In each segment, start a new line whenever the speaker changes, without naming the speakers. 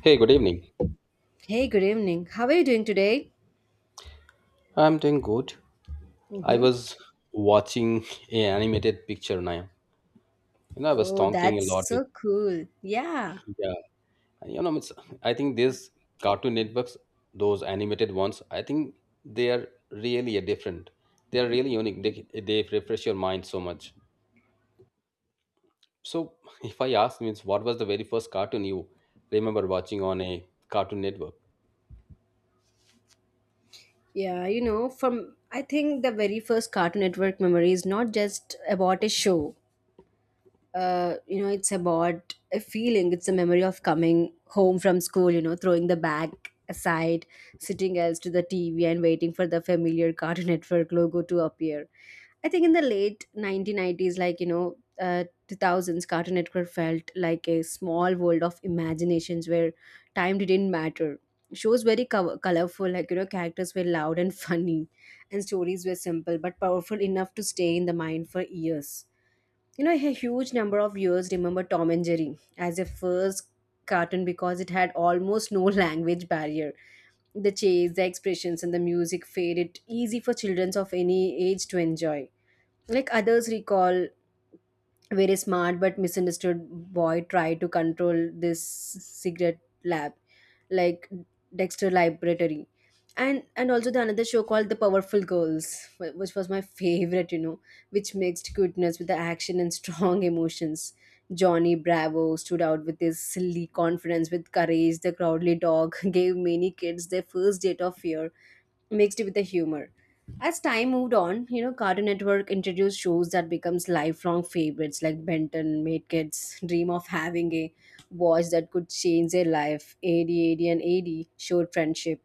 Hey, good evening.
Hey, good evening. How are you doing today?
I'm doing good. I
Mm-hmm.
was watching a animated picture now. You know, I was
Oh,
talking a
that's
lot with
so cool. Yeah.
yeah. You know, it's, I think these Cartoon Networks, those animated ones, I think they are really a different. They are really unique. They refresh your mind so much. So, if I ask, means what was the very first cartoon you remember watching on a Cartoon Network?
Yeah, from I think the very first Cartoon Network memory is not just about a show. It's about a feeling. It's a memory of coming home from school, throwing the bag aside, sitting else to the TV and waiting for the familiar Cartoon Network logo to appear. I think in the late 1990s, like, 2000s, Cartoon Network felt like a small world of imaginations where time didn't matter. Shows very colorful, like, characters were loud and funny, and stories were simple but powerful enough to stay in the mind for years. A huge number of viewers remember Tom and Jerry as a first cartoon because it had almost no language barrier. The chase, the expressions, and the music made it easy for children of any age to enjoy. Like others recall very smart but misunderstood boy tried to control this secret lab, like Dexter Laboratory, and also the another show called the Powerful Girls, which was my favorite, which mixed cuteness with the action and strong emotions. Johnny Bravo stood out with his silly confidence. With Courage the Crowdly Dog gave many kids their first date of fear mixed with the humor. As time moved on, Cartoon Network introduced shows that becomes lifelong favorites like Benton made kids dream of having a watch that could change their life. AD, and AD showed friendship,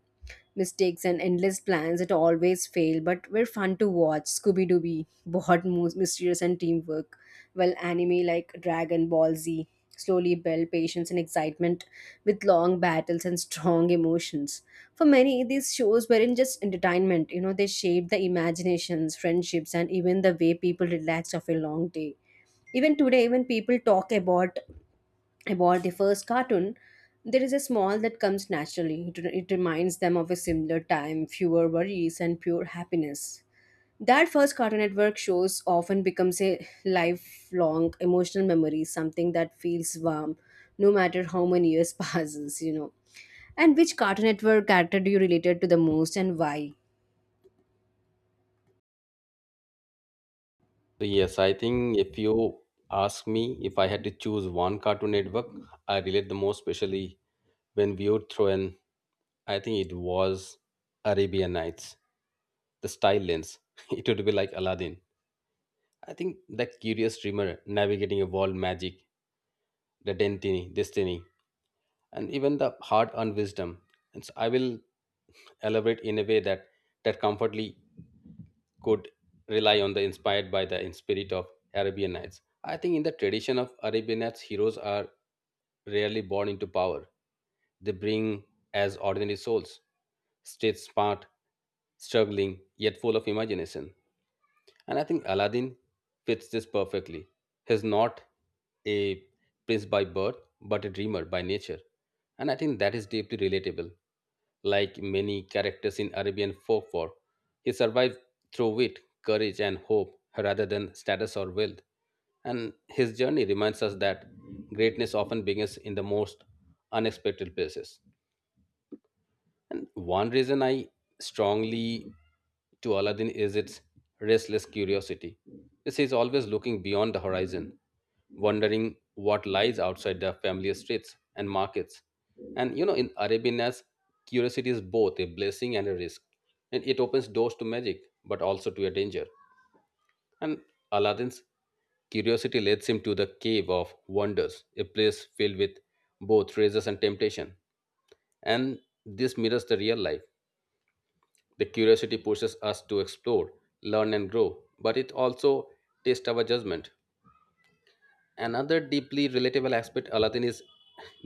mistakes and endless plans that always fail but were fun to watch. Scooby-Dooby bought mysterious and teamwork, while anime like Dragon Ball Z slowly built patience and excitement with long battles and strong emotions. For many, these shows weren't just entertainment, they shaped the imaginations, friendships, and even the way people relaxed after a long day. Even today, when people talk about their first cartoon, there is a smile that comes naturally. It reminds them of a similar time, fewer worries, and pure happiness. That first Cartoon Network shows often becomes a lifelong emotional memory, something that feels warm no matter how many years passes. And which Cartoon Network character do you related to the most and why?
So yes, I think if you ask me if I had to choose one Cartoon Network, I relate the most, especially when viewed through an I think it was Arabian Nights, the style lens. It would be like Aladdin. I think that curious dreamer navigating a world magic, the destiny, and even the heart and wisdom. And so I will elaborate in a way that comfortably could rely on the inspired by the spirit of Arabian Nights. I think in the tradition of Arabian Nights, heroes are rarely born into power. They bring as ordinary souls, stayed smart, struggling, yet full of imagination. And I think Aladdin fits this perfectly. He's not a prince by birth, but a dreamer by nature. And I think that is deeply relatable. Like many characters in Arabian folklore, he survived through wit, courage, and hope rather than status or wealth. And his journey reminds us that greatness often begins in the most unexpected places. And one reason I strongly to Aladdin is its restless curiosity. This is always looking beyond the horizon, wondering what lies outside the familiar streets and markets. And you know, in Arabianness, curiosity is both a blessing and a risk. And it opens doors to magic, but also to a danger. And Aladdin's curiosity leads him to the cave of wonders, a place filled with both treasures and temptation. And this mirrors the real life the curiosity pushes us to explore, learn, and grow, but it also tests our judgment. Another deeply relatable aspect Aladdin is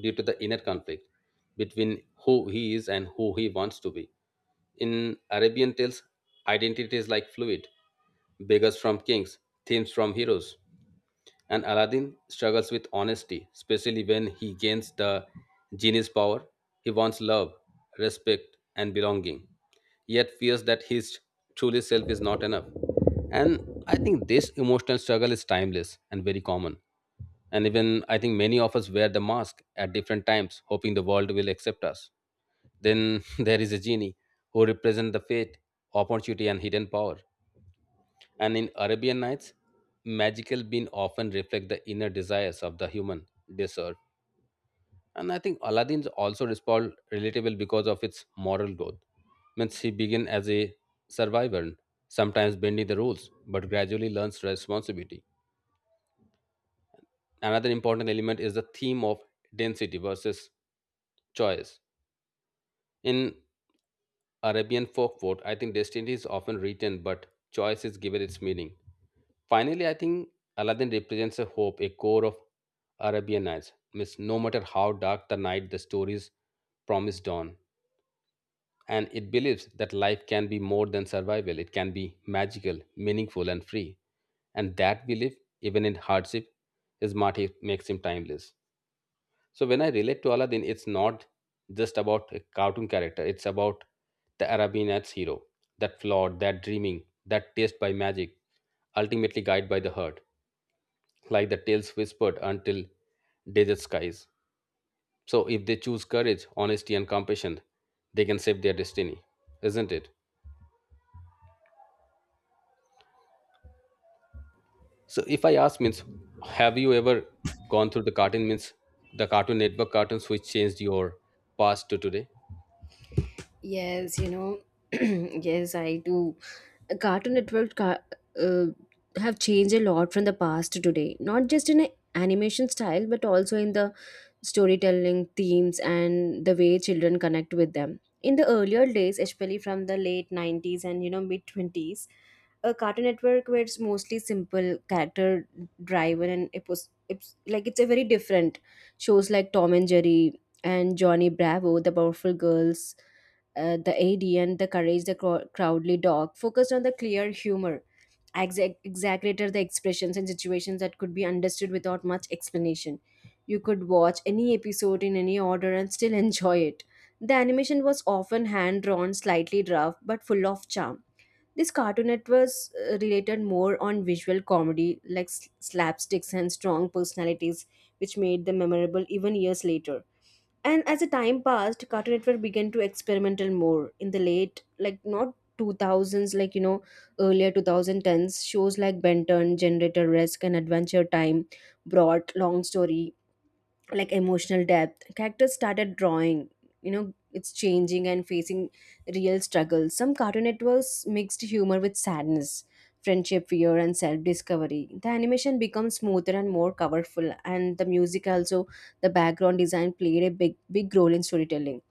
due to the inner conflict between who he is and who he wants to be. In Arabian tales, identity is like fluid, beggars from kings, thieves from heroes. And Aladdin struggles with honesty, especially when he gains the genie's power. He wants love, respect, and belonging, yet fears that his truly self is not enough. And I think this emotional struggle is timeless and very common. And even I think many of us wear the mask at different times, hoping the world will accept us. Then there is a genie who represents the fate, opportunity, and hidden power. And in Arabian Nights, magical beings often reflect the inner desires of the human desert. And I think Aladdin also respond relatable because of its moral growth. Means he began as a survivor, sometimes bending the rules, but gradually learns responsibility. Another important element is the theme of density versus choice. In Arabian folklore, I think destiny is often written, but choice is given its meaning. Finally, I think Aladdin represents a hope, a core of Arabian Nights. Means no matter how dark the night, the stories promise dawn. And it believes that life can be more than survival, it can be magical, meaningful, and free. And that belief, even in hardship, is what makes him timeless. So when I relate to Aladdin, it's not just about a cartoon character, it's about the Arabian Nights hero, that flawed, that dreaming, that taste by magic, ultimately guided by the heart like the tales whispered until desert skies. So, if they choose courage, honesty, and compassion, they can save their destiny, isn't it? So, if I ask, means, have you ever gone through the cartoon, means the Cartoon Network cartoons which changed your past to today?
Yes, yes, I do. Cartoon Network uh, have changed a lot from the past to today, not just in a animation style, but also in the storytelling themes and the way children connect with them. In the earlier days, especially from the late 90s and mid 20s, a Cartoon Network where it's mostly simple character driven, and it's a very different shows like Tom and Jerry and Johnny Bravo, the Powerful Girls, the ADN, the courage, the Crowdly dog, focused on the clear humor, exaggerated the expressions and situations that could be understood without much explanation. You could watch any episode in any order and still enjoy it. The animation was often hand drawn, slightly rough, but full of charm. This Cartoon Network related more on visual comedy like slapsticks and strong personalities, which made them memorable even years later. And as the time passed, Cartoon Network began to experimental more in the late, like not 2000s, like earlier 2010s. Shows like Benton, Generator Risk, and Adventure Time brought long story like emotional depth. Characters started drawing, it's changing and facing real struggles. Some cartoon networks mixed humor with sadness, friendship, fear and self-discovery. The animation becomes smoother and more colorful, and the music, also the background design, played a big big role in storytelling.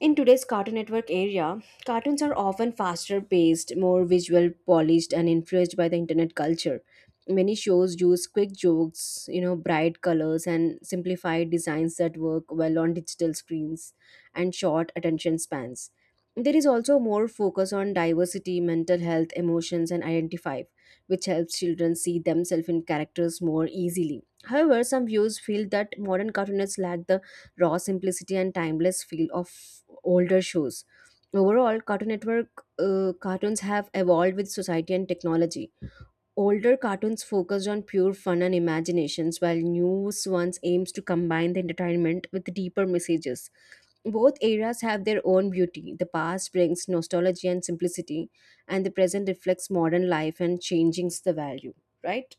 In today's Cartoon Network area, cartoons are often faster paced, more visual polished, and influenced by the internet culture. Many shows use quick jokes, bright colors, and simplified designs that work well on digital screens and short attention spans. There is also more focus on diversity, mental health, emotions, and identify, which helps children see themselves in characters more easily. However, some viewers feel that modern cartoonists lack the raw simplicity and timeless feel of older shows. Overall, Cartoon Network cartoons have evolved with society and technology. Older cartoons focused on pure fun and imaginations, while new ones aims to combine the entertainment with deeper messages. Both eras have their own beauty. The past brings nostalgia and simplicity, and the present reflects modern life and changes the value, right?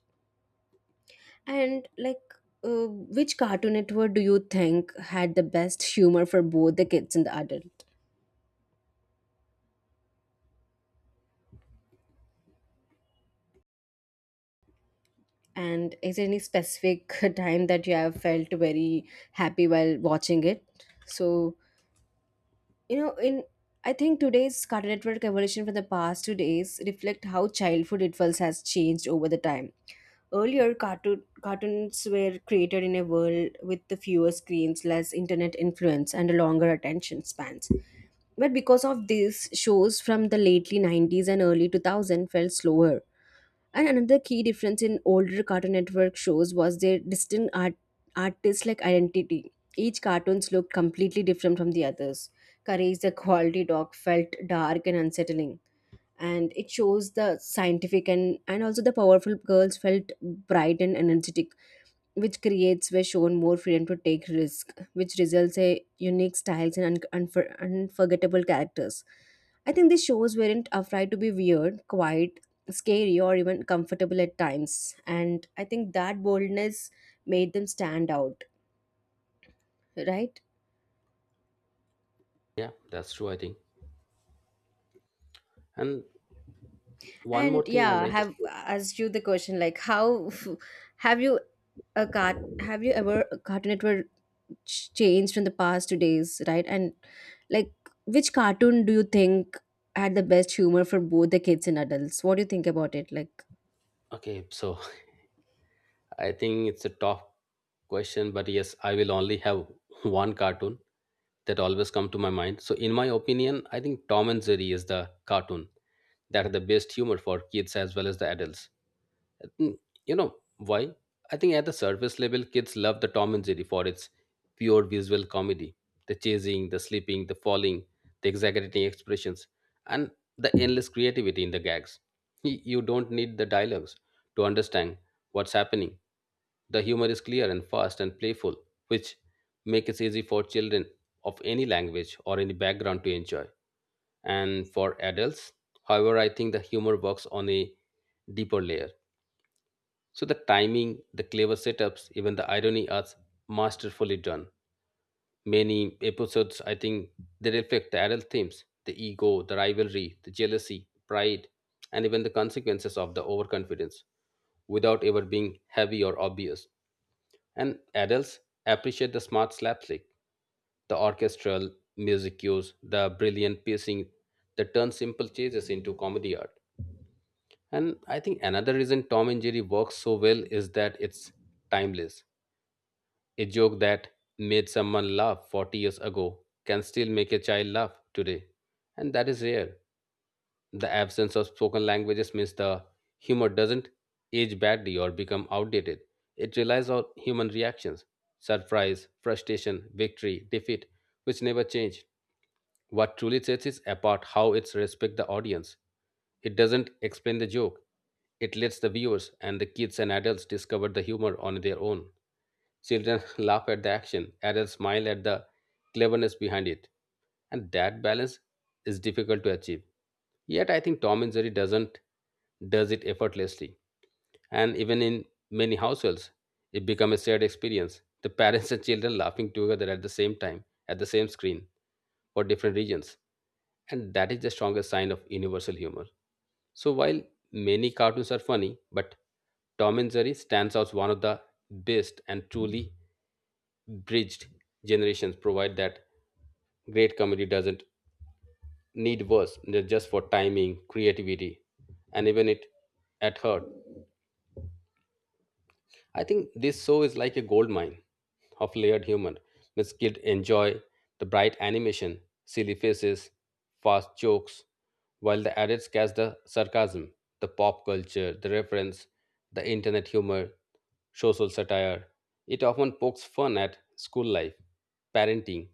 And like, which Cartoon Network do you think had the best humor for both the kids and the adult? And is there any specific time that you have felt very happy while watching it? So, you know, in I think today's Cartoon Network evolution from the past 2 days reflect how childhood rituals has changed over the time. Earlier, cartoons were created in a world with the fewer screens, less internet influence, and a longer attention spans. But because of this, shows from the lately 90s and early 2000 felt slower. And another key difference in older Cartoon Network shows was their distinct artist-like identity. Each cartoons looked completely different from the others. Courage the Quality Dog felt dark and unsettling. And it shows the scientific, and also the powerful girls felt bright and energetic, which creates were shown more freedom to take risk, which results in unique styles and unforgettable characters. I think these shows weren't afraid to be weird, quiet, scary, or even comfortable at times, and I think that boldness made them stand out, right?
Yeah, that's true, I think. And one
And
more thing I
yeah,
like to
have
say.
asked you the question like how have you have you ever a Cartoon Network changed from the past to days, right? And like, which cartoon do you think had the best humor for both the kids and adults? What do you think about it? Like.
Okay, so I think it's a tough question, but yes, I will only have one cartoon that always come to my mind. So in my opinion, I think Tom and Jerry is the cartoon that are the best humor for kids as well as the adults. Mm, you know why? I think at the surface level, kids love the Tom and Jerry for its pure visual comedy, the chasing, the sleeping, the falling, the exaggerating expressions, and the endless creativity in the gags. You don't need the dialogues to understand what's happening. The humor is clear and fast and playful, which make it easy for children of any language or any background to enjoy and for adults. However, I think the humor works on a deeper layer. So the timing, the clever setups, even the irony are masterfully done. Many episodes, I think, they reflect the adult themes, the ego, the rivalry, the jealousy, pride, and even the consequences of the overconfidence without ever being heavy or obvious. And adults appreciate the smart slapstick, the orchestral music cues, the brilliant pacing that turns simple chases into comedy art. And I think another reason Tom and Jerry works so well is that it's timeless. A joke that made someone laugh 40 years ago can still make a child laugh today. And that is rare. The absence of spoken languages means the humor doesn't age badly or become outdated. It relies on human reactions surprise, frustration, victory, defeat, which never change. What truly sets it apart how it's respect the audience. It doesn't explain the joke. It lets the viewers and the kids and adults discover the humor on their own. Children laugh at the action, adults smile at the cleverness behind it. And that balance is difficult to achieve. Yet I think Tom and Jerry doesn't does it effortlessly. And even in many households, it becomes a shared experience. The parents and children laughing together at the same time, at the same screen, for different reasons. And that is the strongest sign of universal humor. So while many cartoons are funny, but Tom and Jerry stands out as one of the best and truly bridged generations provide that great comedy doesn't need words they're just for timing creativity and even it at heart I think this show is like a gold mine of layered humor. Miss Kid enjoy the bright animation, silly faces, fast jokes, while the adults catch the sarcasm, the pop culture, the reference, the internet humor, social satire. It often pokes fun at school life, parenting,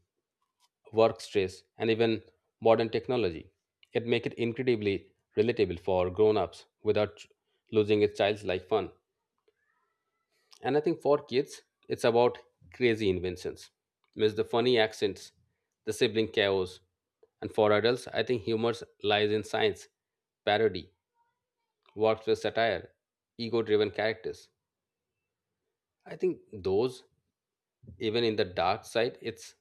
work stress, and even modern technology. It makes it incredibly relatable for grown-ups without losing its childlike fun. And I think for kids, it's about crazy inventions, means the funny accents, the sibling chaos. And for adults, I think humor lies in science, parody, works with satire, ego driven characters. I think those, even in the dark side,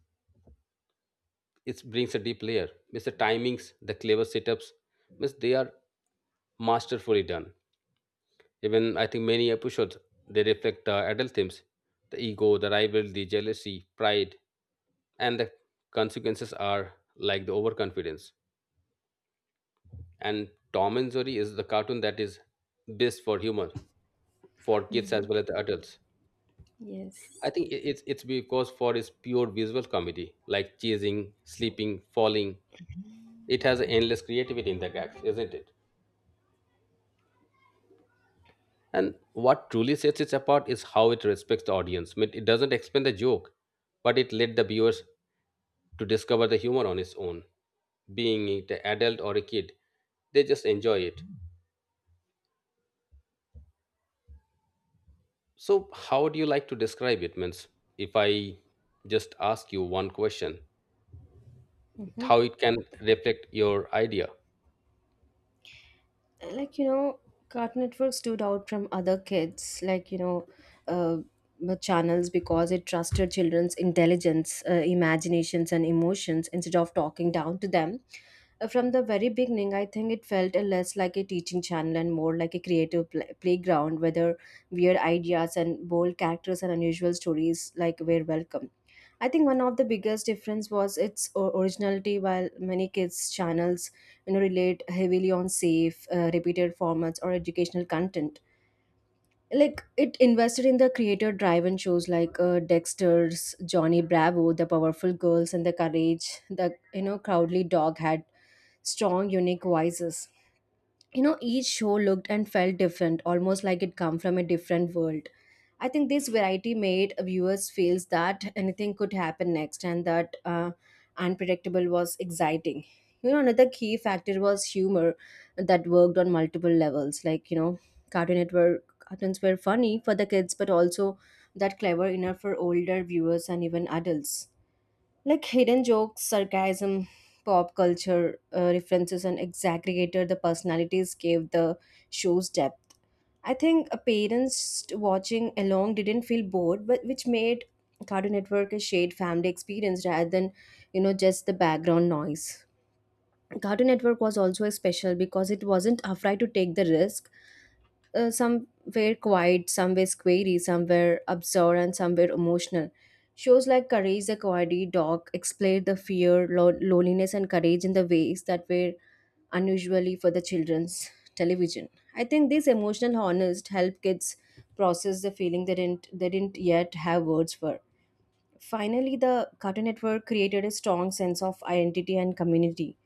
it brings a deep layer. Means the timings, the clever setups, means they are masterfully done. Even I think many episodes they reflect adult themes: the ego, the rival, the jealousy, pride, and the consequences are like the overconfidence. And Tom and Jerry is the cartoon that is best for humor for kids as
Mhm.
well as the adults. I
Yes.
think it's because for its pure visual comedy, like chasing, sleeping, falling. It has endless creativity in the gags, isn't it? And what truly sets it apart is how it respects the audience. I mean, it doesn't explain the joke, but it led the viewers to discover the humor on its own. Being it an adult or a kid, they just enjoy it. So, how do you like to describe it? Means, if I just ask you one question, how it can reflect your idea?
And, like, Cartoon Network stood out from other kids, like, uh, the channels because it trusted children's intelligence, imaginations and emotions instead of talking down to them. From the very beginning, I think it felt a less like a teaching channel and more like a creative playground, whether weird ideas and bold characters and unusual stories like were welcome. I think one of the biggest difference was its originality. While many kids channels, relate heavily on safe, repeated formats or educational content, like it invested in the creator-driven shows like, Dexter's, Johnny Bravo, The Powerful Girls, and The Courage. The Crowdly Dog had strong, unique voices. Each show looked and felt different, almost like it come from a different world. I think this variety made viewers feel that anything could happen next, and that, unpredictable was exciting. Another key factor was humor that worked on multiple levels. Like, Cartoon Network cartoons were funny for the kids, but also that clever enough for older viewers and even adults, like hidden jokes, sarcasm, pop culture, references, and exaggerated the personalities gave the show's depth. I think, parents watching along didn't feel bored, but which made Cartoon Network a shared family experience rather than, just the background noise. Cartoon Network was also special because it wasn't afraid to take the risk. Some were quiet, some were squirry, some were absorbed, and some were emotional. Shows like Courage the Cowardly Dog explored the fear, loneliness, and courage in the ways that were unusually for the children's television. I think these emotional honest help kids process the feeling they didn't yet have words for. Finally, the Cartoon Network created a strong sense of identity and community.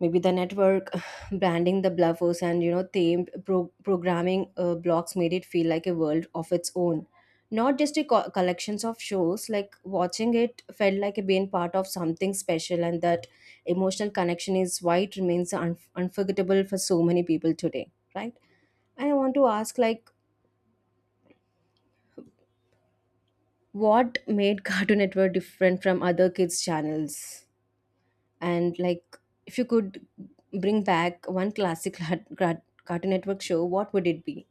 Maybe the network branding the bluffers, and, themed programming, blocks made it feel like a world of its own, not just a collections of shows. Like watching it felt like being part of something special, and that emotional connection is why it remains unforgettable for so many people today, right? And I want to ask, like, what made Cartoon Network different from other kids channels? And like, if you could bring back one classic Cartoon Network show, what would it be?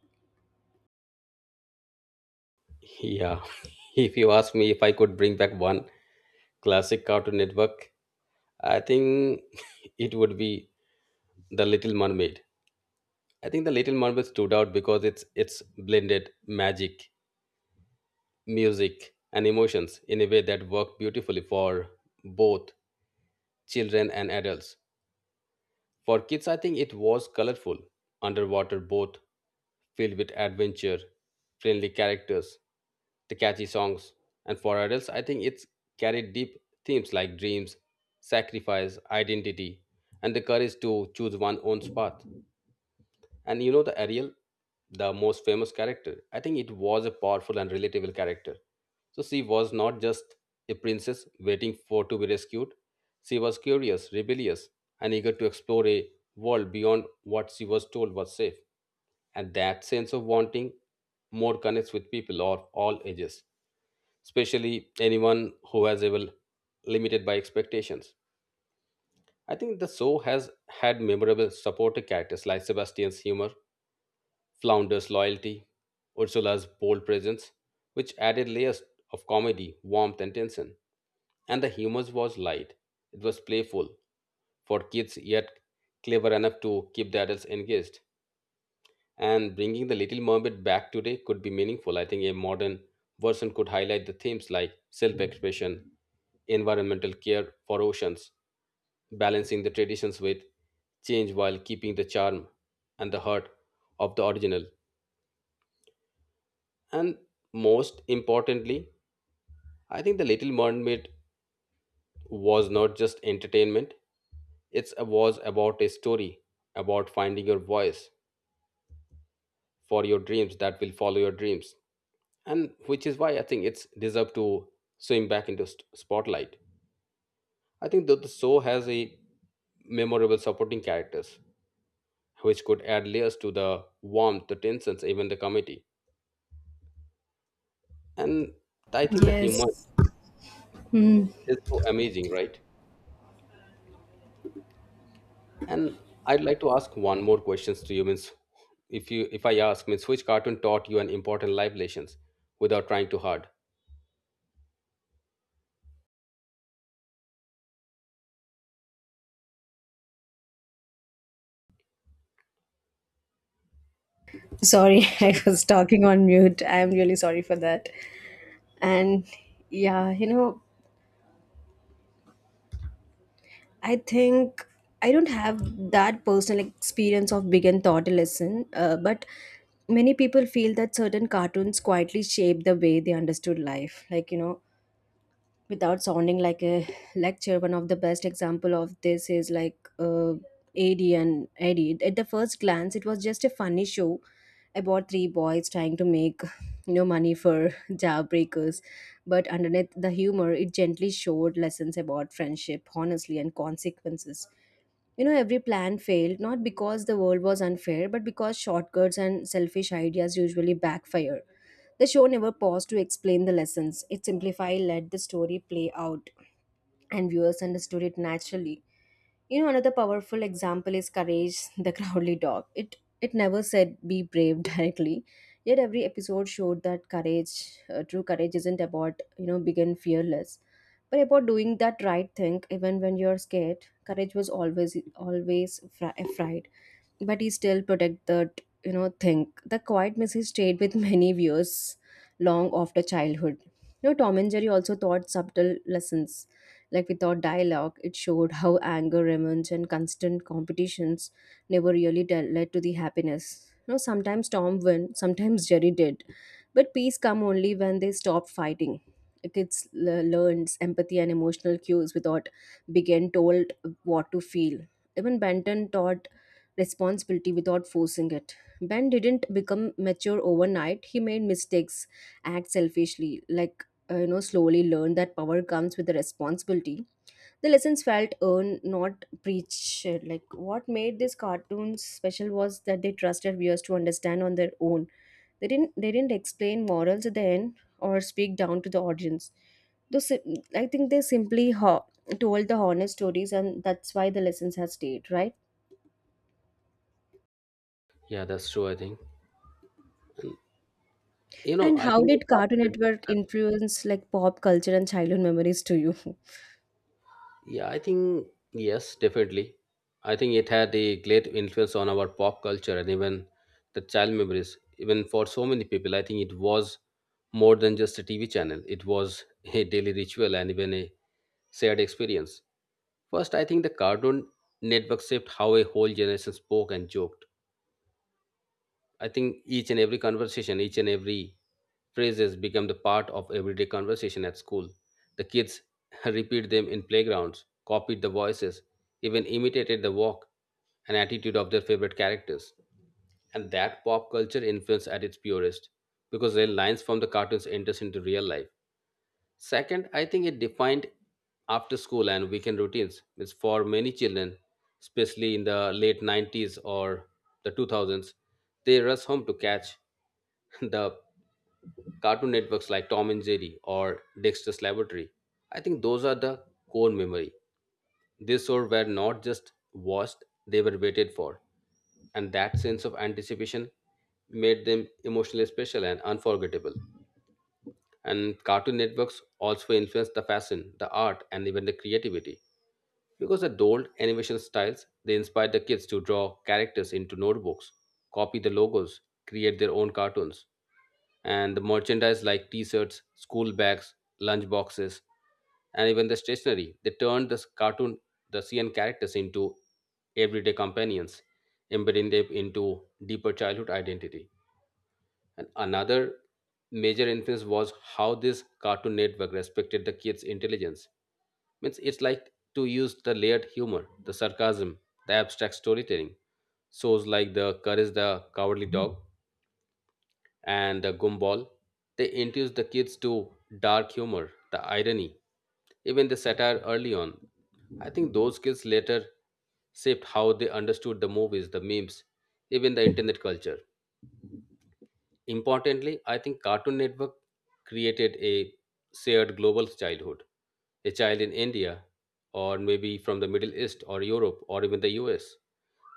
Yeah, if you ask me if I could bring back one classic Cartoon Network, I think it would be The Little Mermaid. I think the Little Mermaid stood out because it's blended magic, music, and emotions in a way that worked beautifully for both children and adults. For kids, I think it was colorful, underwater boat filled with adventure, friendly characters, the catchy songs, and for adults, I think it's carried deep themes like dreams, sacrifice, identity, and the courage to choose one's own path. And you know the Ariel, the most famous character. I think it was a powerful and relatable character. So she was not just a princess waiting for to be rescued. She was curious, rebellious, and eager to explore a world beyond what she was told was safe. And that sense of wanting more connects with people of all ages, especially anyone who has ever limited by expectations. I think the show has had memorable supporting characters like Sebastian's humor Flounder's loyalty, Ursula's bold presence, which added layers of comedy, warmth, and tension. And the humor was light. It was playful for kids, yet clever enough to keep the adults engaged. And bringing the Little Mermaid back today could be meaningful. I think a modern version could highlight the themes like self expression, environmental care for oceans, balancing the traditions with change while keeping the charm and the heart of the original. And most importantly, I think The Little Mermaid was not just entertainment, it was about a story about finding your voice for your dreams that will follow your dreams. And which is why I think it's deserved to swim back into spotlight. I think that the show has a memorable supporting characters which could add layers to the warmth, the tensions, even the comedy. And I think the humor
Yes.
is so amazing, right? And I'd like to ask one more questions to you. Means, if I ask, means which cartoon taught you an important life lessons without trying too hard?
Sorry,
So,
I
I-
was talking on mute. I am really sorry for that. And yeah, I think I don't have that personal experience of big and thought lesson, but many people feel that certain cartoons quietly shape the way they understood life, like, without sounding like a lecture. One of the best example of this is like, Ad and Eddie. At the first glance, it was just a funny show about three boys trying to make, money for jawbreakers. But underneath the humor, it gently showed lessons about friendship, honestly, and consequences. Every plan failed not because the world was unfair, but because shortcuts and selfish ideas usually backfire. The show never paused to explain the lessons. It simplified, let the story play out, and viewers understood it naturally. Another powerful example is Courage, the Crowley dog. It never said be brave directly, yet every episode showed that courage, true courage, isn't about, being fearless, but about doing that right thing even when you're scared. Courage was always afraid, but he still protect that, thing. The quiet message stayed with many viewers long after childhood. Tom and Jerry also taught subtle lessons, like without dialogue it showed how anger remains and constant competitions never really led to the happiness. Sometimes Tom won, sometimes Jerry did, but peace come only when they stop fighting. The kids learns empathy and emotional cues without being told what to feel. Even Benton taught responsibility without forcing it. Ben didn't become mature overnight. He made mistakes, act selfishly, like, slowly learned that power comes with the responsibility. The lessons felt earned, not preached. Like what made these cartoons special was that they trusted viewers to understand on their own. They didn't explain morals at the end or speak down to the audience. Though I think they simply told the honest stories, and that's why the lessons have stayed, right?
yeah, that's true. I think
And
I
how
think the
did Cartoon
cartoon network.
Network
has-
influence, like, pop culture and childhood memories to you?
Yeah, I think yes, definitely. I think it had a great influence on our pop culture and even the child memories. Even for so many people, I think it was more than just a TV channel. It was a daily ritual and even a shared experience. First, I think the Cartoon Network shaped how a whole generation spoke and joked. I think each and every conversation, each and every phrases become the part of everyday conversation at school. The kids repeat them in playgrounds, copied the voices, even imitated the walk and attitude of their favorite characters. And that pop culture influence at its purest, because their lines from the cartoons enters into real life. Second, I think it defined after school and weekend routines. It's for many children, especially in the late 90s or the 2000s, they rush home to catch the cartoon networks like Tom and Jerry or Dexter's Laboratory. I think those are the core memory. These shows were not just watched, they were waited for. And that sense of anticipation made them emotionally special and unforgettable. And Cartoon Networks also influenced the fashion, the art, and even the creativity. Because the old animation styles, they inspired the kids to draw characters into notebooks, copy the logos, create their own cartoons. And the merchandise like t shirts, school bags, lunch boxes, and even the stationery. They turned the cartoon, the CN characters into everyday companions, embedding them into deeper childhood identity. And another major influence was how this Cartoon Network respected the kids' intelligence. Means it's like to use the layered humor, the sarcasm, the abstract storytelling. Shows like the Courage the Cowardly Dog and the Gumball, they introduce the kids to dark humor, the irony, even the satire early on. I think those skills later shaped how they understood the movies, the memes, even the internet culture. Importantly, I think Cartoon Network created a shared global childhood. A child in India, or maybe from the Middle East, or Europe, or even the US,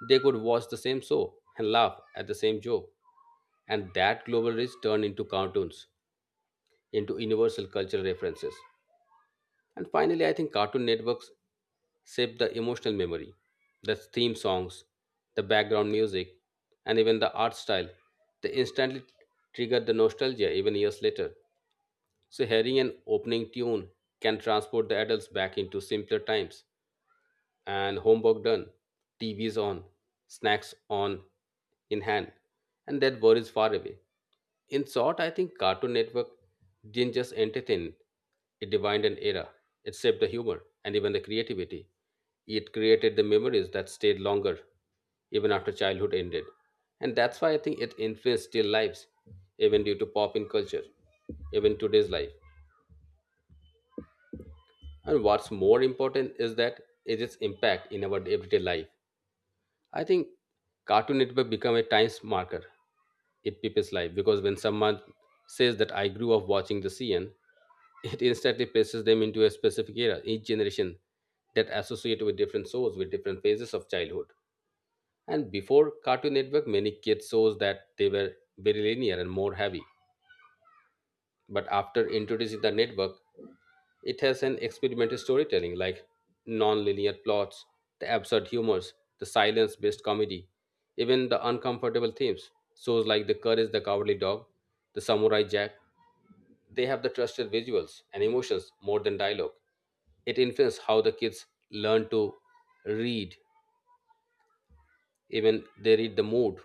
they could watch the same show and laugh at the same joke. And that global reach turned into cartoons, into universal cultural references. And finally, I think Cartoon Networks shape the emotional memory. The theme songs, the background music, and even the art style, they instantly trigger the nostalgia even years later. So hearing an opening tune can transport the adults back into simpler times and homework done, TV's on, snacks on in hand, and that world is far away. In short, I think Cartoon Network didn't just entertain, it defined an era. It shaped the humor and even the creativity. It created the memories that stayed longer, even after childhood ended. And that's why I think it influenced still lives, even due to pop in culture, even today's life. And what's more important is that is its impact in our everyday life. I think Cartoon Network become a time marker in people's life because when someone says that I grew up watching the CN, it instantly places them into a specific era. Each generation that associate with different shows with different phases of childhood. And before Cartoon Network, many kids shows that they were very linear and more heavy. But after introducing the network, it has an experimental storytelling like non-linear plots, the absurd humors, the silence-based comedy, even the uncomfortable themes. Shows like The Courage the Cowardly Dog, The Samurai Jack, they have the trusted visuals and emotions more than dialogue. It influences how the kids learn to read, even they read the mood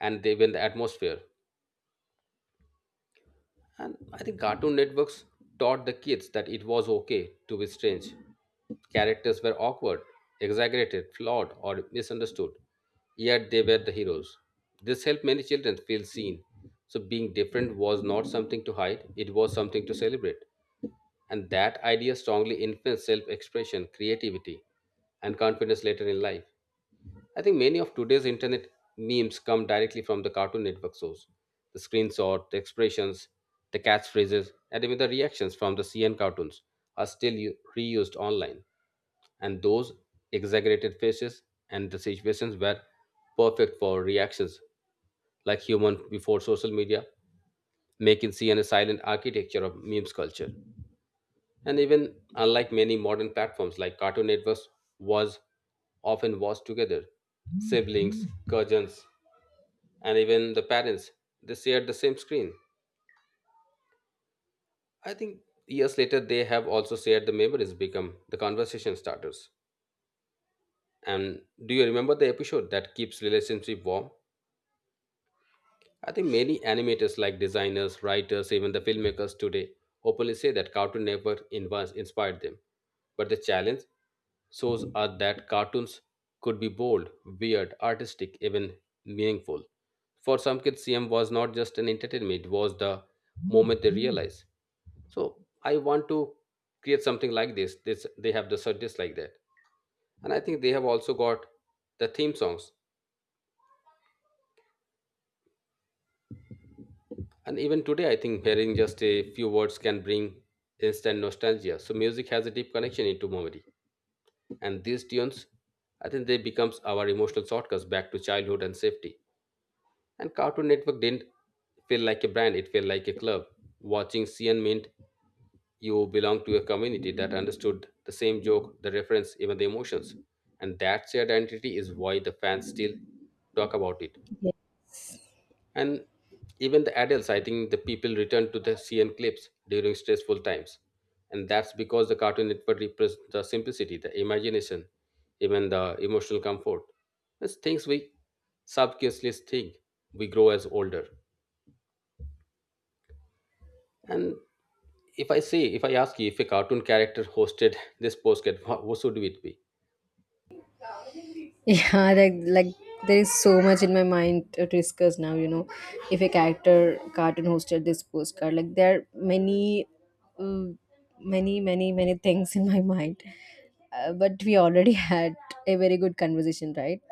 and they even the atmosphere. And I think Cartoon Networks taught the kids that it was okay to be strange. Characters were awkward, exaggerated, flawed, or misunderstood, yet they were the heroes. This helped many children feel seen. So, being different was not something to hide, it was something to celebrate. And that idea strongly influenced self expression, creativity, and confidence later in life. I think many of today's internet memes come directly from the Cartoon Network source. The screenshot, the expressions, the catchphrases, and even the reactions from the CN cartoons are still reused online. And those exaggerated faces and the situations were perfect for reactions like human before social media, making CN a silent architecture of memes culture. And even unlike many modern platforms like Cartoon Networks was often watched together, siblings, cousins, and even the parents, they shared the same screen. I think years later they have also shared the memories become the conversation starters and do you remember the episode that keeps relationship warm. I think many animators like designers writers even the filmmakers today openly say that cartoon network inspired them. But the challenge shows are that cartoons could be bold, weird, artistic, even meaningful. For some kids, CM was not just an entertainment, it was the moment they realized. So I want to create something like this. This they have the surges like that, and I think they have also got the theme songs. And even today, I think hearing just a few words can bring instant nostalgia. So music has a deep connection into memory, and these tunes, I think they becomes our emotional shortcuts back to childhood and safety. And Cartoon Network didn't feel like a brand; it felt like a club. Watching CN meant you belong to a community that understood the same joke, the reference, even the emotions. And that shared identity is why the fans still talk about it. And even the adults, I think the people return to the CN clips during stressful times. And that's because the Cartoon Network represents the simplicity, the imagination, even the emotional comfort. It's things we subconsciously think we grow as older. And if I say, if I ask you if a cartoon character hosted this postcard, what should it be?
Yeah, like there is so much in my mind to discuss now. If a character cartoon hosted this postcard, like there are many, uh, many, many, many things in my mind. But we already had a very good conversation, right?